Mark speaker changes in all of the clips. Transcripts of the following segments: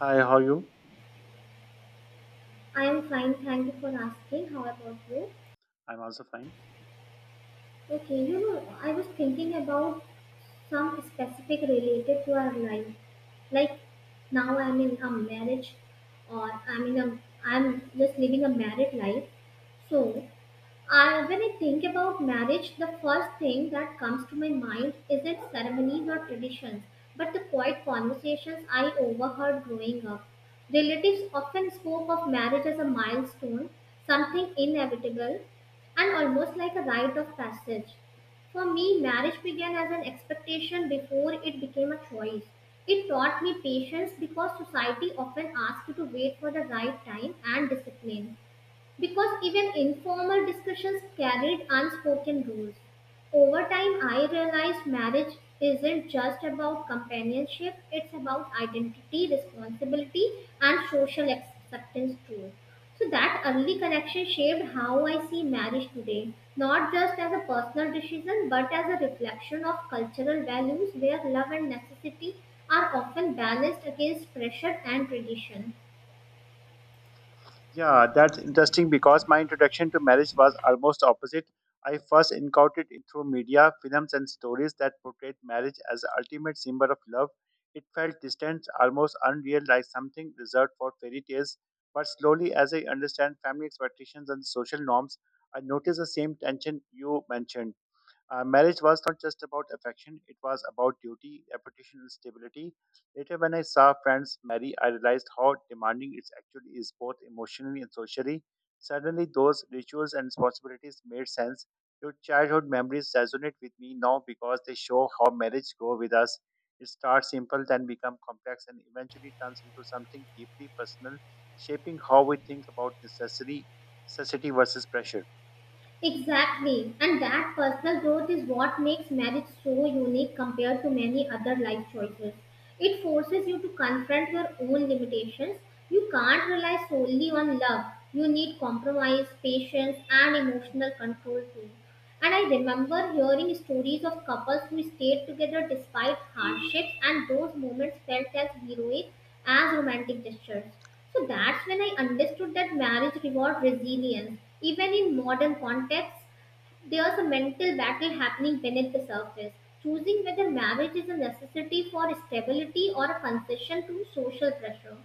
Speaker 1: Hi, how are you?
Speaker 2: I am fine, thank you for asking. How about you?
Speaker 1: I'm also fine.
Speaker 2: Okay, I was thinking about some specific related to our life. Like now I'm in a marriage or I'm just living a married life. So when I think about marriage, the first thing that comes to my mind isn't ceremonies or traditions, but the quiet conversations I overheard growing up. Relatives often spoke of marriage as a milestone, something inevitable, and almost like a rite of passage. For me, marriage began as an expectation before it became a choice. It taught me patience because society often asks you to wait for the right time and discipline because even informal discussions carried unspoken rules. Over time, I realized marriage isn't just about companionship, it's about identity, responsibility, and social acceptance too. So, that early connection shaped how I see marriage today, not just as a personal decision, but as a reflection of cultural values where love and necessity are often balanced against pressure and tradition.
Speaker 1: Yeah, that's interesting because my introduction to marriage was almost opposite. I first encountered it through media, films, and stories that portrayed marriage as the ultimate symbol of love. It felt distant, almost unreal, like something reserved for fairy tales. But slowly, as I understand family expectations and social norms, I noticed the same tension you mentioned. Marriage was not just about affection, it was about duty, reputation, and stability. Later, when I saw friends marry, I realized how demanding it actually is, both emotionally and socially. Suddenly, those rituals and responsibilities made sense. Your childhood memories resonate with me now because they show how marriage grows with us. It starts simple, then becomes complex, and eventually turns into something deeply personal, shaping how we think about necessity versus pressure.
Speaker 2: Exactly, and that personal growth is what makes marriage so unique compared to many other life choices. It forces you to confront your own limitations. You can't rely solely on love, you need compromise, patience, and emotional control too. And I remember hearing stories of couples who stayed together despite hardships, and those moments felt as heroic as romantic gestures. So that's when I understood that marriage rewards resilience, even in modern contexts. There's a mental battle happening beneath the surface, choosing whether marriage is a necessity for stability or a concession to social pressure.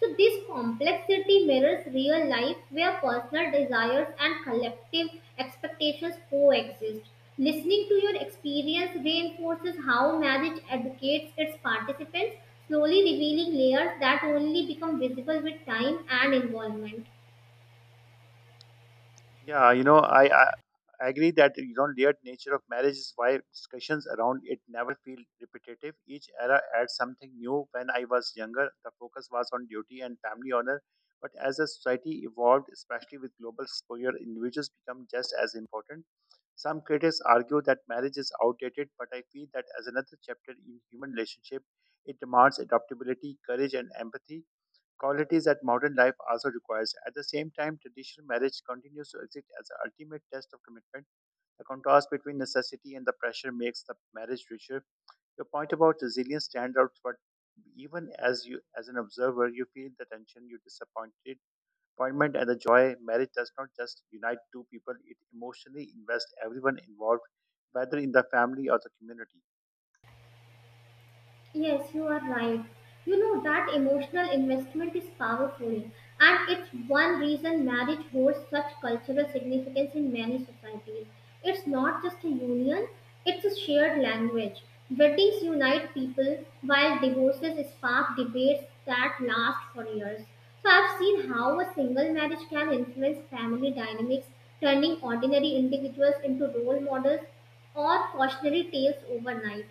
Speaker 2: So, this complexity mirrors real life where personal desires and collective expectations coexist. Listening to your experience reinforces how marriage educates its participants, slowly revealing layers that only become visible with time and involvement.
Speaker 1: Yeah, I agree that layered nature of marriage is why discussions around it never feel repetitive. Each era adds something new. When I was younger, the focus was on duty and family honor, but as the society evolved, especially with global exposure, individuals become just as important. Some critics argue that marriage is outdated, but I feel that as another chapter in human relationship, it demands adaptability, courage, and empathy qualities that modern life also requires. At the same time, traditional marriage continues to exist as the ultimate test of commitment. The contrast between necessity and the pressure makes the marriage richer. Your point about resilience stands out, but even as you, as an observer, you feel the tension, you disappointment, and the joy. Marriage does not just unite two people; it emotionally invests everyone involved, whether in the family or the community.
Speaker 2: Yes, you are right. You know that emotional investment is powerful, and it's one reason marriage holds such cultural significance in many societies. It's not just a union, it's a shared language. Weddings unite people, while divorces spark debates that last for years. So, I've seen how a single marriage can influence family dynamics, turning ordinary individuals into role models or cautionary tales overnight.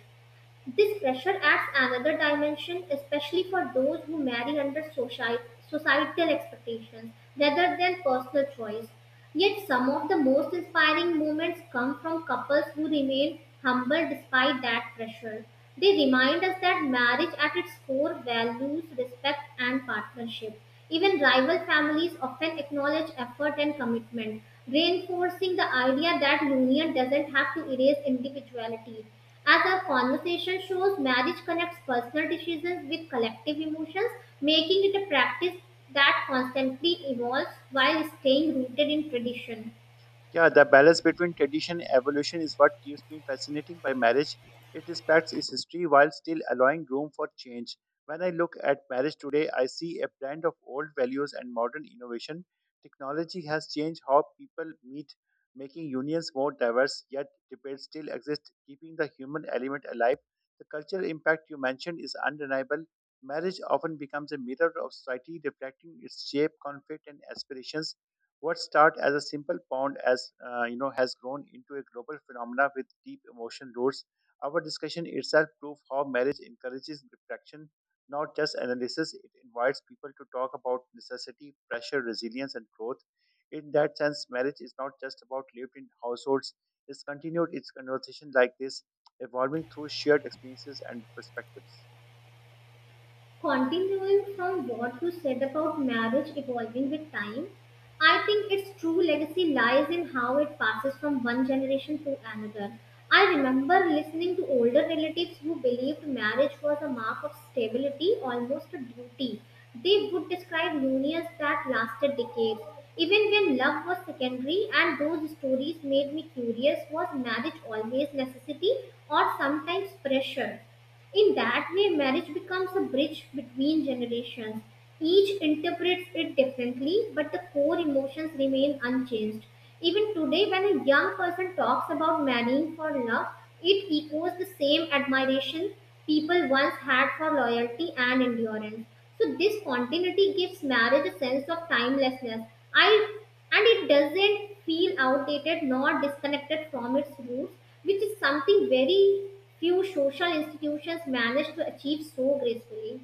Speaker 2: This pressure adds another dimension, especially for those who marry under societal expectations rather than personal choice. Yet, some of the most inspiring moments come from couples who remain humble despite that pressure. They remind us that marriage at its core values respect and partnership. Even rival families often acknowledge effort and commitment, reinforcing the idea that union doesn't have to erase individuality. As our conversation shows, marriage connects personal decisions with collective emotions, making it a practice that constantly evolves while staying rooted in tradition.
Speaker 1: Yeah, the balance between tradition and evolution is what keeps me fascinating by marriage. It respects its history while still allowing room for change. When I look at marriage today, I see a blend of old values and modern innovation. Technology has changed how people meet, making unions more diverse, yet debates still exist, keeping the human element alive. The cultural impact you mentioned is undeniable. Marriage often becomes a mirror of society, reflecting its shape, conflict, and aspirations. What started as a simple pond, has grown into a global phenomena with deep emotion roots. Our discussion itself proves how marriage encourages reflection, not just analysis. It invites people to talk about necessity, pressure, resilience, and growth. In that sense, marriage is not just about lived-in households. It's continued its conversation like this, evolving through shared experiences and perspectives.
Speaker 2: Continuing from what you said about marriage evolving with time, I think its true legacy lies in how it passes from one generation to another. I remember listening to older relatives who believed marriage was a mark of stability, almost a duty. They would describe unions that lasted decades. Even when love was secondary, and those stories made me curious was marriage always necessity or sometimes pressure? In that way, marriage becomes a bridge between generations. Each interprets it differently, but the core emotions remain unchanged. Even today, when a young person talks about marrying for love, it echoes the same admiration people once had for loyalty and endurance. So, this continuity gives marriage a sense of timelessness. I And it doesn't feel outdated nor disconnected from its roots, which is something very few social institutions manage to achieve so gracefully.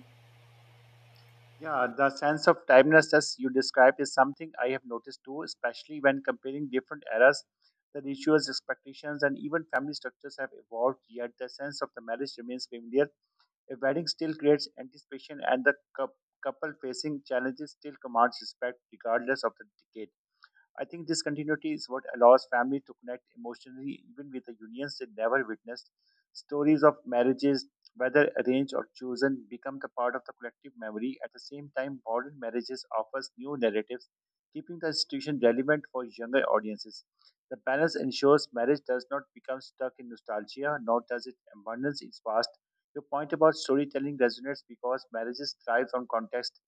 Speaker 1: Yeah, the sense of timeless as you described is something I have noticed too, especially when comparing different eras. The rituals, expectations, and even family structures have evolved, yet the sense of the marriage remains familiar. A wedding still creates anticipation, and the couple facing challenges still commands respect regardless of the decade. I think this continuity is what allows family to connect emotionally even with the unions they never witnessed. Stories of marriages, whether arranged or chosen, become the part of the collective memory. At the same time, modern marriages offers new narratives, keeping the institution relevant for younger audiences. The balance ensures marriage does not become stuck in nostalgia, nor does it abandon its past. Your point about storytelling resonates because marriages thrive on context.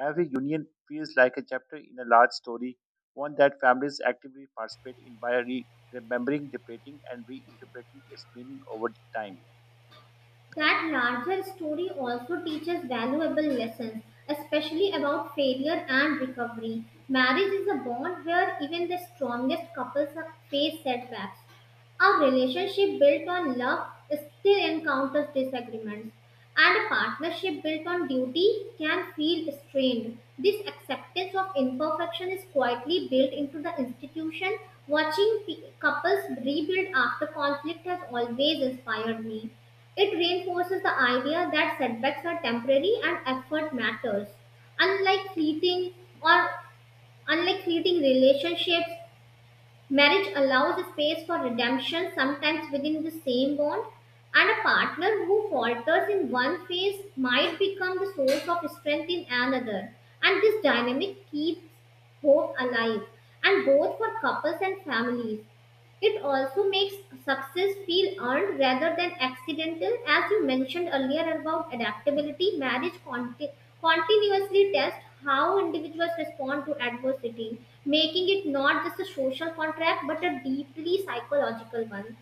Speaker 1: Every union feels like a chapter in a large story, one that families actively participate in by remembering, debating, and reinterpreting its meaning over time.
Speaker 2: That larger story also teaches valuable lessons, especially about failure and recovery. Marriage is a bond where even the strongest couples face setbacks. A relationship built on love still encounters disagreements, and a partnership built on duty can feel strained. This acceptance of imperfection is quietly built into the institution. Watching couples rebuild after conflict has always inspired me. It reinforces the idea that setbacks are temporary and effort matters. Unlike fleeting or unlike fleeting relationships, marriage allows a space for redemption sometimes within the same bond, and a partner who falters in one phase might become the source of strength in another. And this dynamic keeps hope alive, and both for couples and families. It also makes success feel earned rather than accidental. As you mentioned earlier about adaptability, marriage continuously tests how individuals respond to adversity, making it not just a social contract but a deeply psychological one.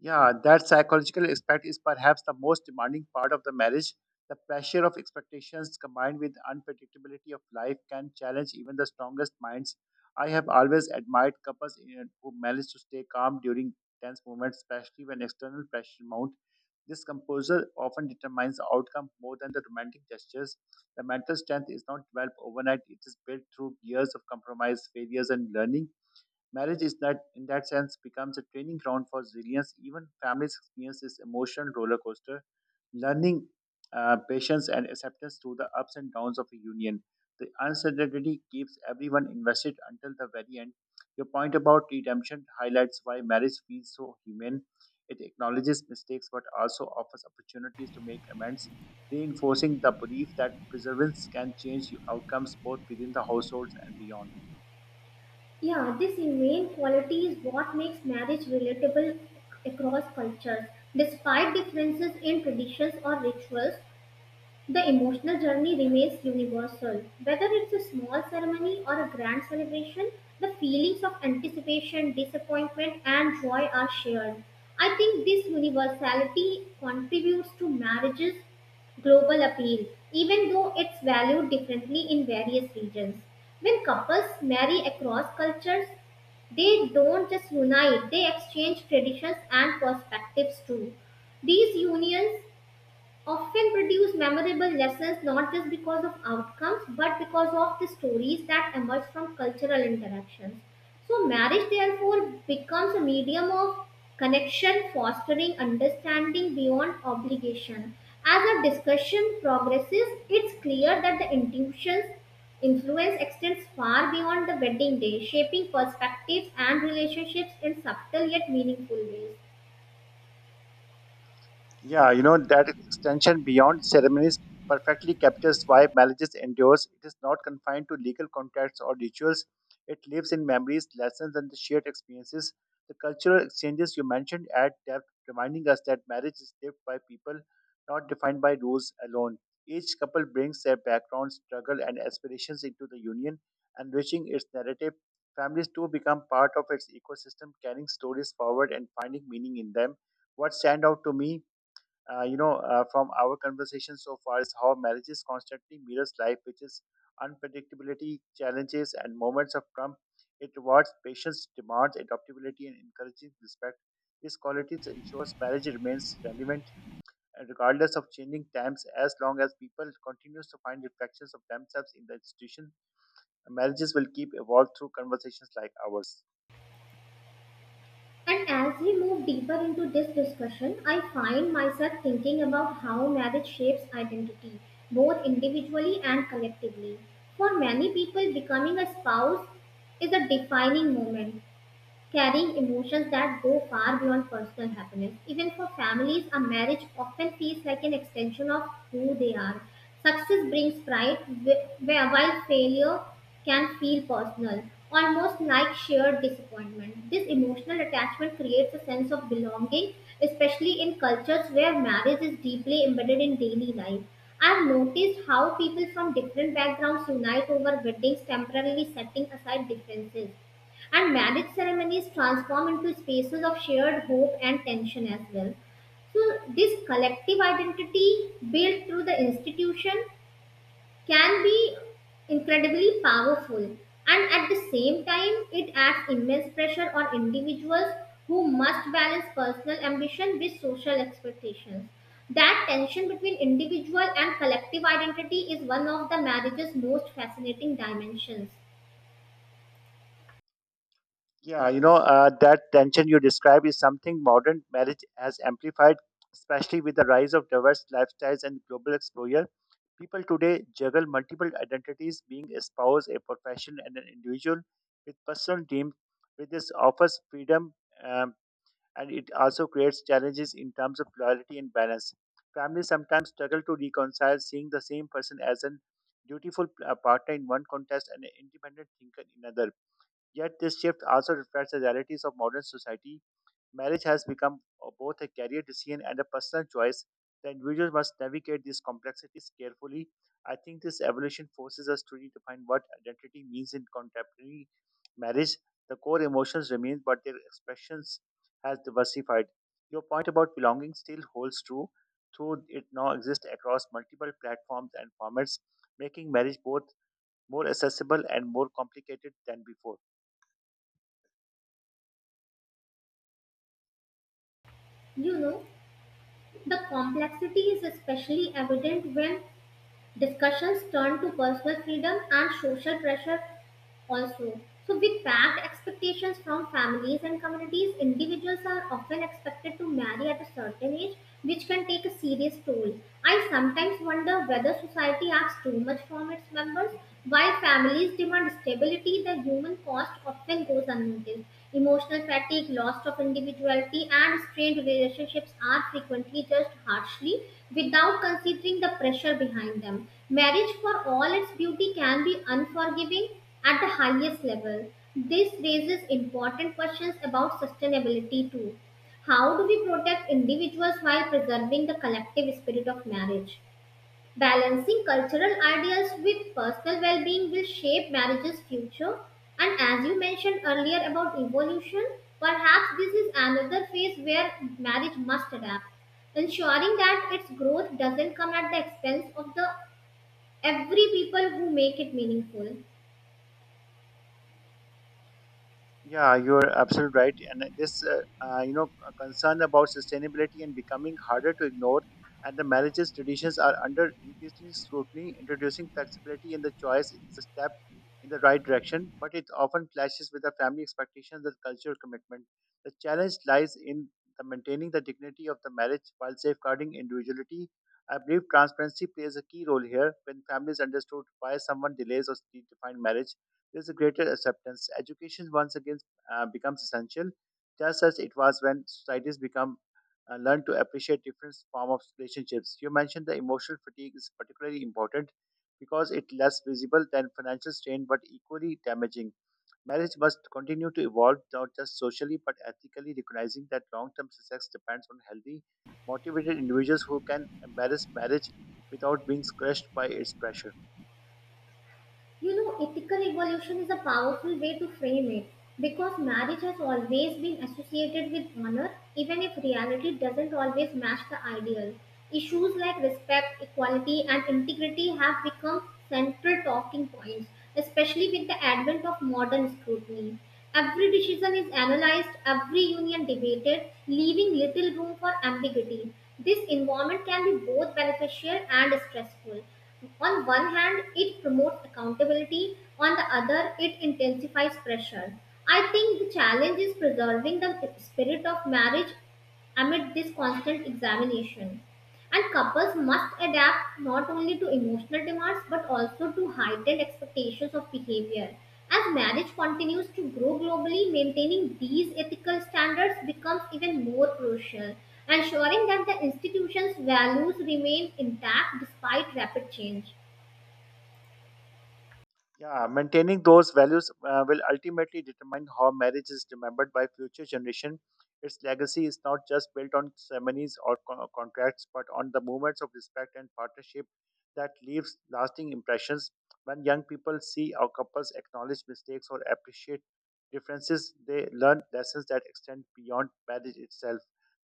Speaker 1: Yeah, that psychological aspect is perhaps the most demanding part of the marriage. The pressure of expectations combined with unpredictability of life can challenge even the strongest minds. I have always admired who manage to stay calm during tense moments, especially when external pressure mounts. This composure often determines the outcome more than the romantic gestures. The mental strength is not developed overnight, it is built through years of compromise, failures, and learning. Marriage is that, in that sense, becomes a training ground for resilience. Even families experience this emotional roller coaster, learning patience and acceptance through the ups and downs of a union. The uncertainty keeps everyone invested until the very end. Your point about redemption highlights why marriage feels so human. It acknowledges mistakes but also offers opportunities to make amends, reinforcing the belief that perseverance can change outcomes both within the households and beyond.
Speaker 2: Yeah, this humane quality is what makes marriage relatable across cultures. Despite differences in traditions or rituals, the emotional journey remains universal. Whether it's a small ceremony or a grand celebration, the feelings of anticipation, disappointment, and joy are shared. I think this universality contributes to marriage's global appeal, even though it's valued differently in various regions. When couples marry across cultures, they don't just unite, they exchange traditions and perspectives too. These unions often produce memorable lessons not just because of outcomes but because of the stories that emerge from cultural interactions. So, marriage therefore becomes a medium of connection, fostering understanding beyond obligation. As our discussion progresses, it's clear that the intuition's influence extends far beyond the wedding day, shaping perspectives and relationships in subtle yet meaningful ways.
Speaker 1: Yeah, you know, that extension beyond ceremonies perfectly captures why marriages endures. It is not confined to legal contracts or rituals. It lives in memories, lessons, and the shared experiences. The cultural exchanges you mentioned add depth, reminding us that marriage is lived by people, not defined by rules alone. Each couple brings their background, struggle, and aspirations into the union, enriching its narrative. Families too become part of its ecosystem, carrying stories forward and finding meaning in them. What stand out to me from our conversation so far is how marriages constantly mirrors life, which is unpredictability, challenges, and moments of trump. It rewards patience, demands adaptability, and encourages respect. These qualities ensures marriage remains relevant regardless of changing times. As long as people continues to find reflections of themselves in the institution, marriages will keep evolved through conversations like ours.
Speaker 2: And as we move deeper into this discussion, I find myself thinking about how marriage shapes identity, both individually and collectively. For many people, becoming a spouse is a defining moment, carrying emotions that go far beyond personal happiness. Even for families, a marriage often feels like an extension of who they are. Success brings pride, while failure can feel personal, almost like shared disappointment. This emotional attachment creates a sense of belonging, especially in cultures where marriage is deeply embedded in daily life. I've noticed how people from different backgrounds unite over weddings, temporarily setting aside differences. And marriage ceremonies transform into spaces of shared hope and tension as well. So, this collective identity built through the institution can be incredibly powerful. And at the same time, it adds immense pressure on individuals who must balance personal ambition with social expectations. That tension between individual and collective identity is one of the marriage's most fascinating dimensions.
Speaker 1: That tension you describe is something modern marriage has amplified, especially with the rise of diverse lifestyles and global exposure. People today juggle multiple identities, being a spouse, a profession, and an individual with personal dreams. With this offers freedom, um, and it also creates challenges in terms of loyalty and balance. Families sometimes struggle to reconcile seeing the same person as an dutiful partner in one context and an independent thinker in another. Yet this shift also reflects the realities of modern society. Marriage has become both a career decision and a personal choice. The individual must navigate these complexities carefully. I think this evolution forces us to redefine what identity means in contemporary marriage. The core emotions remain, but their expressions has diversified. Your point about belonging still holds true, though it now exists across multiple platforms and formats, making marriage both more accessible and more complicated than before.
Speaker 2: You know? The complexity is especially evident when discussions turn to personal freedom and social pressure also. So, with packed expectations from families and communities, individuals are often expected to marry at a certain age, which can take a serious toll. I sometimes wonder whether society asks too much from its members. While families demand stability, the human cost often goes unnoticed. Emotional fatigue, loss of individuality, and strained relationships are frequently judged harshly without considering the pressure behind them. Marriage, for all its beauty, can be unforgiving at the highest level, this raises important questions about sustainability too. How do we protect individuals while preserving the collective spirit of marriage? Balancing cultural ideals with personal well being will shape marriage's future. And as you mentioned earlier about evolution, perhaps this is another phase where marriage must adapt, ensuring that its growth doesn't come at the expense of the every people who make it meaningful.
Speaker 1: Yeah, you're absolutely right. And this concern about sustainability and becoming harder to ignore, and the marriages traditions are under increasing scrutiny. Introducing flexibility in the choice is a step in the right direction, but it often clashes with the family expectations and cultural commitment. The challenge lies in the maintaining the dignity of the marriage while safeguarding individuality. I believe transparency plays a key role here. When families understood why someone delays or redefine marriage, there's a greater acceptance. Education once again becomes essential, just as it was when societies become learn to appreciate different form of relationships. You mentioned the emotional fatigue is particularly important because it's less visible than financial strain, but equally damaging. Marriage must continue to evolve not just socially but ethically, recognizing that long-term success depends on healthy, motivated individuals who can embrace marriage without being crushed by its pressure.
Speaker 2: Ethical evolution is a powerful way to frame it because marriage has always been associated with honor, even if reality doesn't always match the ideal. Issues like respect, equality, and integrity have become central talking points, especially with the advent of modern scrutiny. Every decision is analyzed, every union debated, leaving little room for ambiguity. This environment can be both beneficial and stressful on one hand, it promotes accountability, on the other, it intensifies pressure. I think the challenge is preserving the spirit of marriage amid this constant examination. And couples must adapt not only to emotional demands but also to heightened expectations of behavior. As marriage continues to grow globally, maintaining these ethical standards becomes even more crucial, ensuring that the institution's values remain intact despite rapid change.
Speaker 1: Yeah, maintaining those values will ultimately determine how marriage is remembered by future generation. Its legacy is not just built on contracts, but on the moments of respect and partnership that leaves lasting impressions. When young people see our couples acknowledge mistakes or appreciate differences, they learn lessons that extend beyond marriage itself.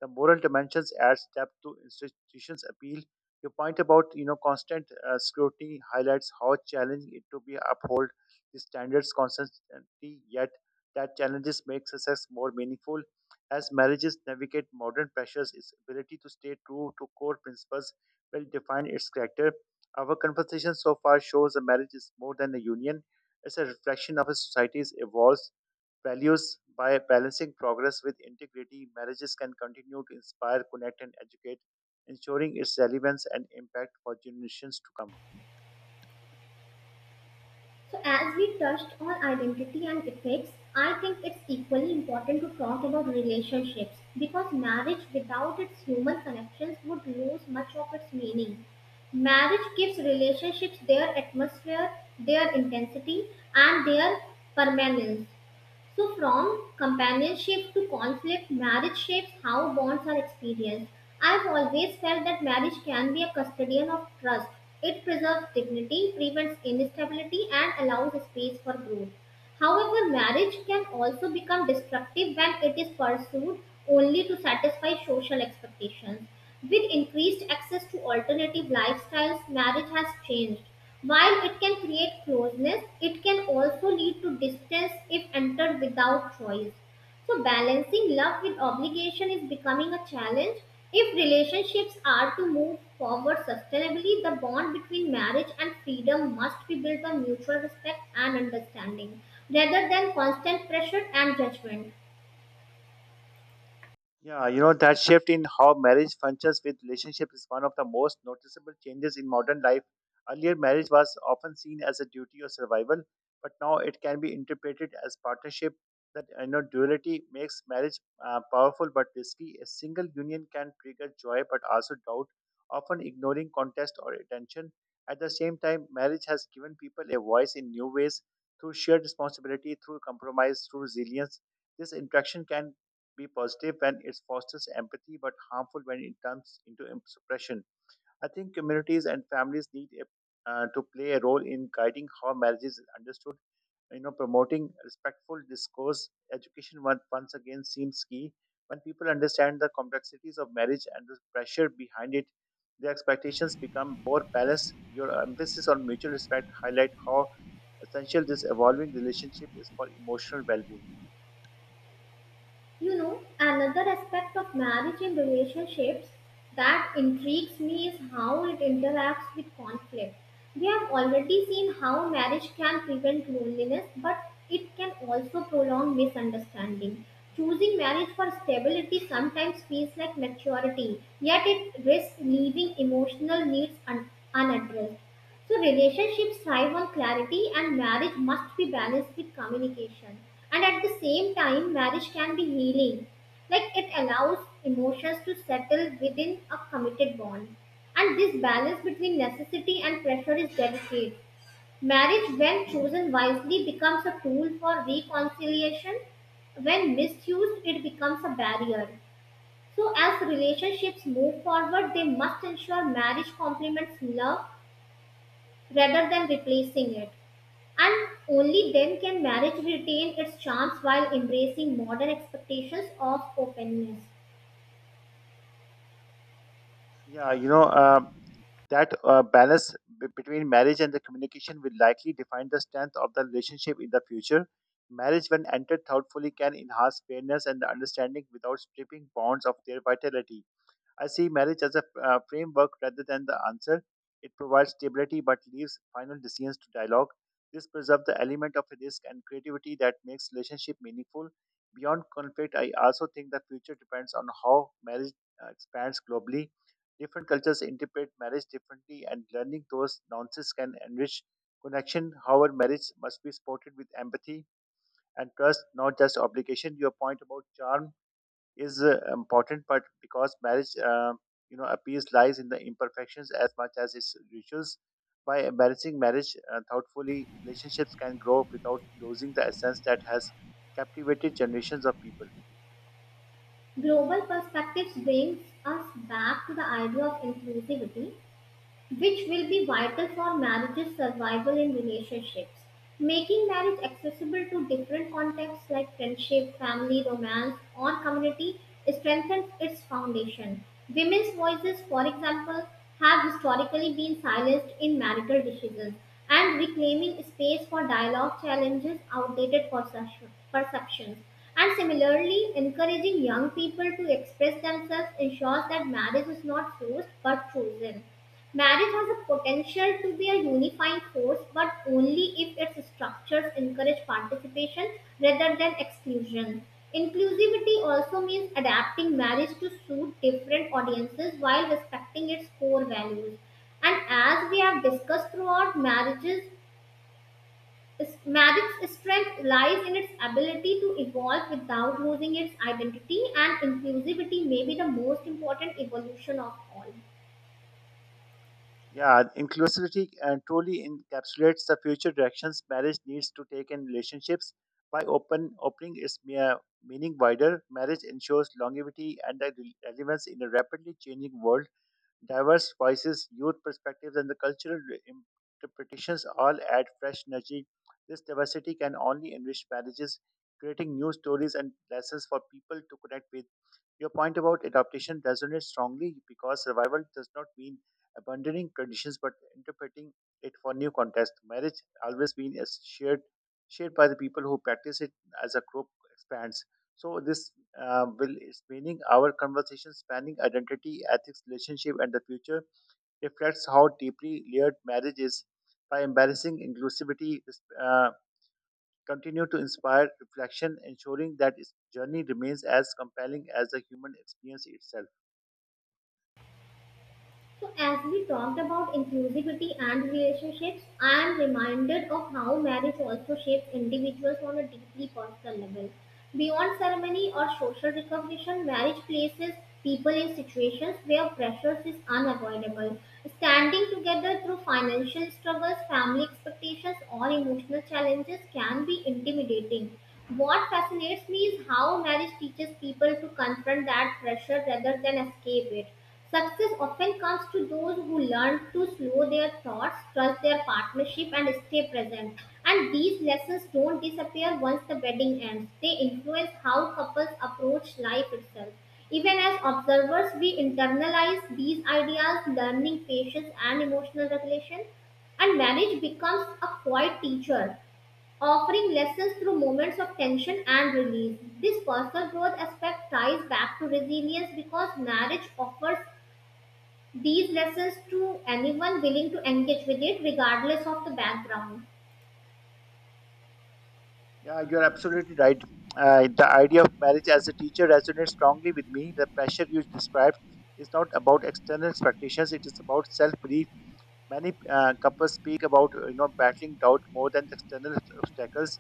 Speaker 1: The moral dimensions adds depth to institutions' appeal your point about constant scrutiny highlights how challenging it to be uphold the standards constantly. Yet that challenges make success more meaningful. As marriages navigate modern pressures, its ability to stay true to core principles will define its character. Our conversation so far shows a marriage is more than a union; it's a reflection of a society's evolves values by balancing progress with integrity, marriages can continue to inspire, connect, and educate, ensuring its relevance and impact for generations to come.
Speaker 2: So, as we touched on identity and ethics, I think it's equally important to talk about relationships because marriage without its human connections would lose much of its meaning. Marriage gives relationships their atmosphere, their intensity, and their permanence. So, from companionship to conflict, marriage shapes how bonds are experienced. I've always felt that marriage can be a custodian of trust. It preserves dignity, prevents instability, and allows space for growth. However, marriage can also become destructive when it is pursued only to satisfy social expectations. With increased access to alternative lifestyles, marriage has changed. While it can create closeness, it can also lead to distance if entered without choice. So, balancing love with obligation is becoming a challenge. If relationships are to move forward sustainably, the bond between marriage and freedom must be built on mutual respect and understanding rather than constant pressure and judgment.
Speaker 1: Yeah, you know, that shift in how marriage functions with relationship is one of the most noticeable changes in modern life. Earlier, marriage was often seen as a duty or survival, but now it can be interpreted as partnership. That duality makes marriage powerful but risky. A single union can trigger joy but also doubt, often ignoring context or attention. At the same time, marriage has given people a voice in new ways through shared responsibility, through compromise, through resilience this interaction can be positive when it fosters empathy, but harmful when it turns into suppression. I think communities and families need to play a role in guiding how marriage is understood. You know, promoting respectful discourse, education once again seems key. When people understand the complexities of marriage and the pressure behind it, their expectations become more balanced. Your emphasis on mutual respect highlight how essential this evolving relationship is for emotional well-being.
Speaker 2: Another aspect of marriage and relationships that intrigues me is how it interacts with conflict. We have already seen how marriage can prevent loneliness, but it can also prolong misunderstanding. Choosing marriage for stability sometimes feels like maturity, yet it risks leaving emotional needs unaddressed. So relationships thrive on clarity and marriage must be balanced with communication. And at the same time, marriage can be healing. Like it allows emotions to settle within a committed bond. And this balance between necessity and pressure is delicate. Marriage, when chosen wisely, becomes a tool for reconciliation. When misused, it becomes a barrier. So, as relationships move forward, they must ensure marriage complements love rather than replacing it. And only then can marriage retain its charms while embracing modern expectations of openness.
Speaker 1: Yeah, That balance between marriage and the communication will likely define the strength of the relationship in the future. Marriage, when entered thoughtfully, can enhance fairness and the understanding without stripping bonds of their vitality. I see marriage as a framework rather than the answer. It provides stability but leaves final decisions to dialogue. This preserves the element of risk and creativity that makes relationship meaningful. Beyond conflict, I also think the future depends on how marriage expands globally. Different cultures interpret marriage differently, and learning those nuances can enrich connection. However, marriage must be supported with empathy and trust, not just obligation. Your point about charm is important, but because marriage appears lies in the imperfections as much as its rituals. By balancing marriage thoughtfully, relationships can grow without losing the essence that has captivated generations of people.
Speaker 2: Global perspectives brings us back to the idea of inclusivity which will be vital for marriage's survival in relationships. Making marriage accessible to different contexts like friendship, family, romance, or community strengthens its foundation. Women's voices, for example, have historically been silenced in marital decisions, and reclaiming space for dialogue challenges outdated perceptions. And similarly, encouraging young people to express themselves ensures that marriage is not forced but chosen. Marriage has a potential to be a unifying force, but only if its structures encourage participation rather than exclusion. Inclusivity also means adapting marriage to suit different audiences while respecting its core values. And as we have discussed throughout, marriage's strength lies in its ability to evolve without losing its identity, and inclusivity may be the most important evolution of all.
Speaker 1: Yeah, inclusivity and truly encapsulates the future directions marriage needs to take in relationships. By opening its mere meaning wider, marriage ensures longevity and the relevance in a rapidly changing world. Diverse voices, youth perspectives, and the cultural interpretations all add fresh energy. This diversity can only enrich marriages, creating new stories and lessons for people to connect with. Your point about adaptation resonates strongly because survival does not mean abandoning traditions but interpreting it for new context. Marriage always been as shared by the people who practice it as a group expands. So this will is meaning our conversation spanning identity, ethics, relationship, and the future reflects how deeply layered marriage is. By embracing inclusivity, this continue to inspire reflection, ensuring that its journey remains as compelling as the human experience itself.
Speaker 2: So, as we talked about inclusivity and relationships, I am reminded of how marriage also shapes individuals on a deeply personal level. Beyond ceremony or social recognition, marriage places people in situations where pressures is unavoidable. Standing together through financial struggles, family expectations, or emotional challenges can be intimidating. What fascinates me is how marriage teaches people to confront that pressure rather than escape it. Success often comes to those who learn to slow their thoughts, trust their partnership, and stay present. And these lessons don't disappear once the wedding ends, they influence how couples approach life itself. Even as observers, we internalize these ideas, learning patience and emotional regulation. And marriage becomes a quiet teacher, offering lessons through moments of tension and release. This personal growth aspect ties back to resilience because marriage offers these lessons to anyone willing to engage with it regardless of the background.
Speaker 1: Yeah, you're absolutely right. The idea of marriage as a teacher resonates strongly with me. The pressure you described is not about external expectations, it is about self belief. Many couples speak about battling doubt more than the external obstacles.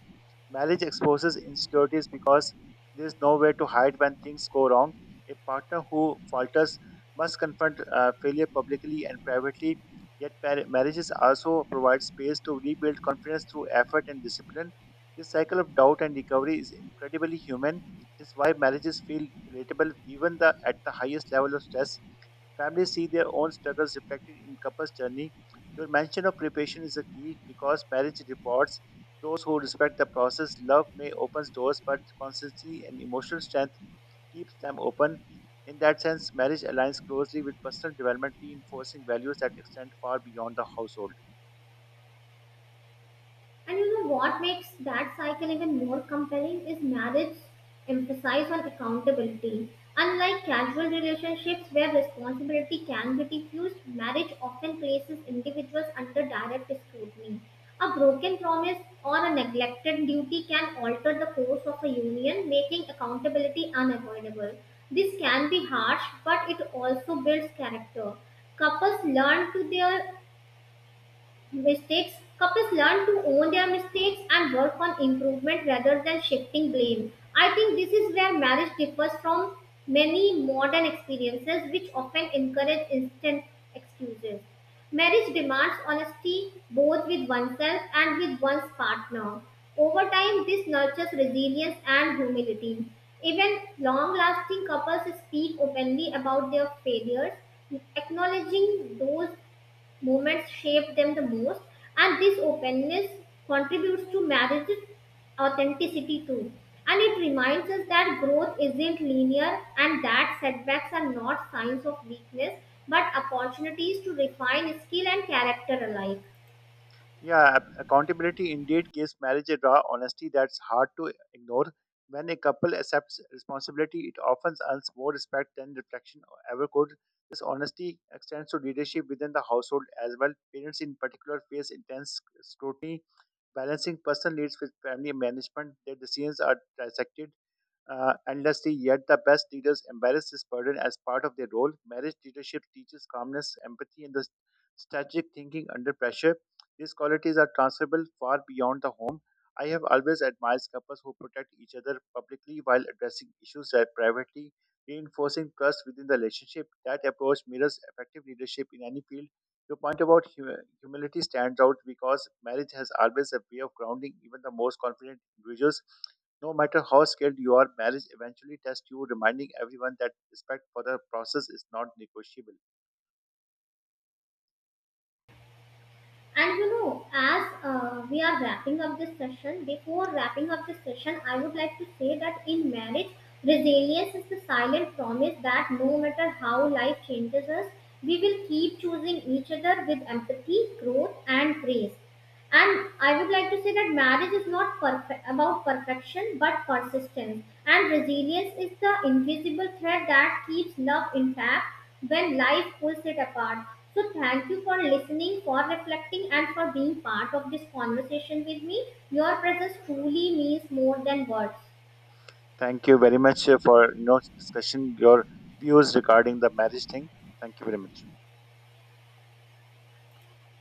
Speaker 1: Marriage exposes insecurities because there's nowhere to hide when things go wrong. A partner who falters must confront failure publicly and privately. Yet marriages also provide space to rebuild confidence through effort and discipline. This cycle of doubt and recovery is incredibly human. This is why marriages feel relatable at the highest level of stress. Families see their own struggles reflected in couples' journey. Your mention of preparation is a key because marriage rewards those who respect the process. Love may open doors, but consistency and emotional strength keeps them open. In that sense, marriage aligns closely with personal development, reinforcing values that extend far beyond the household.
Speaker 2: And you know what makes that cycle even more compelling is marriage emphasis on accountability. Unlike casual relationships where responsibility can be diffused, marriage often places individuals under direct scrutiny. A broken promise or a neglected duty can alter the course of a union, making accountability unavoidable. This can be harsh, but it also builds character. couples learn to their Mistakes. Couples learn to own their mistakes and work on improvement rather than shifting blame. I think this is where marriage differs from many modern experiences, which often encourage instant excuses. Marriage demands honesty both with oneself and with one's partner. Over time, this nurtures resilience and humility. Even long lasting couples speak openly about their failures, acknowledging those moments shape them the most, and this openness contributes to marriage's authenticity too. And it reminds us that growth isn't linear and that setbacks are not signs of weakness but opportunities to refine skill and character alike.
Speaker 1: Yeah, accountability indeed gives marriage a raw honesty that's hard to ignore. When a couple accepts responsibility, it often earns more respect than reflection ever could. This honesty extends to leadership within the household as well. Parents, in particular, face intense scrutiny, balancing personal needs with family management. Their decisions are dissected endlessly, yet the best leaders embrace this burden as part of their role. Marriage leadership teaches calmness, empathy, and the strategic thinking under pressure. These qualities are transferable far beyond the home. I have always admired couples who protect each other publicly while addressing issues that privately, reinforcing trust within the relationship. That approach mirrors effective leadership in any field. Your point about humility stands out because marriage has always a way of grounding even the most confident individuals. No matter how skilled you are, marriage eventually tests you, reminding everyone that respect for the process is not negotiable.
Speaker 2: And you know, as we are wrapping up this session, before wrapping up this session, I would like to say that in marriage, resilience is the silent promise that no matter how life changes us, we will keep choosing each other with empathy, growth, and grace. And I would like to say that marriage is not perfect about perfection but persistence. And resilience is the invisible thread that keeps love intact when life pulls it apart. So thank you for listening, for reflecting, and for being part of this conversation with me. Your presence truly means more than words.
Speaker 1: Thank you very much for discussion your views regarding the marriage thing. Thank you very much.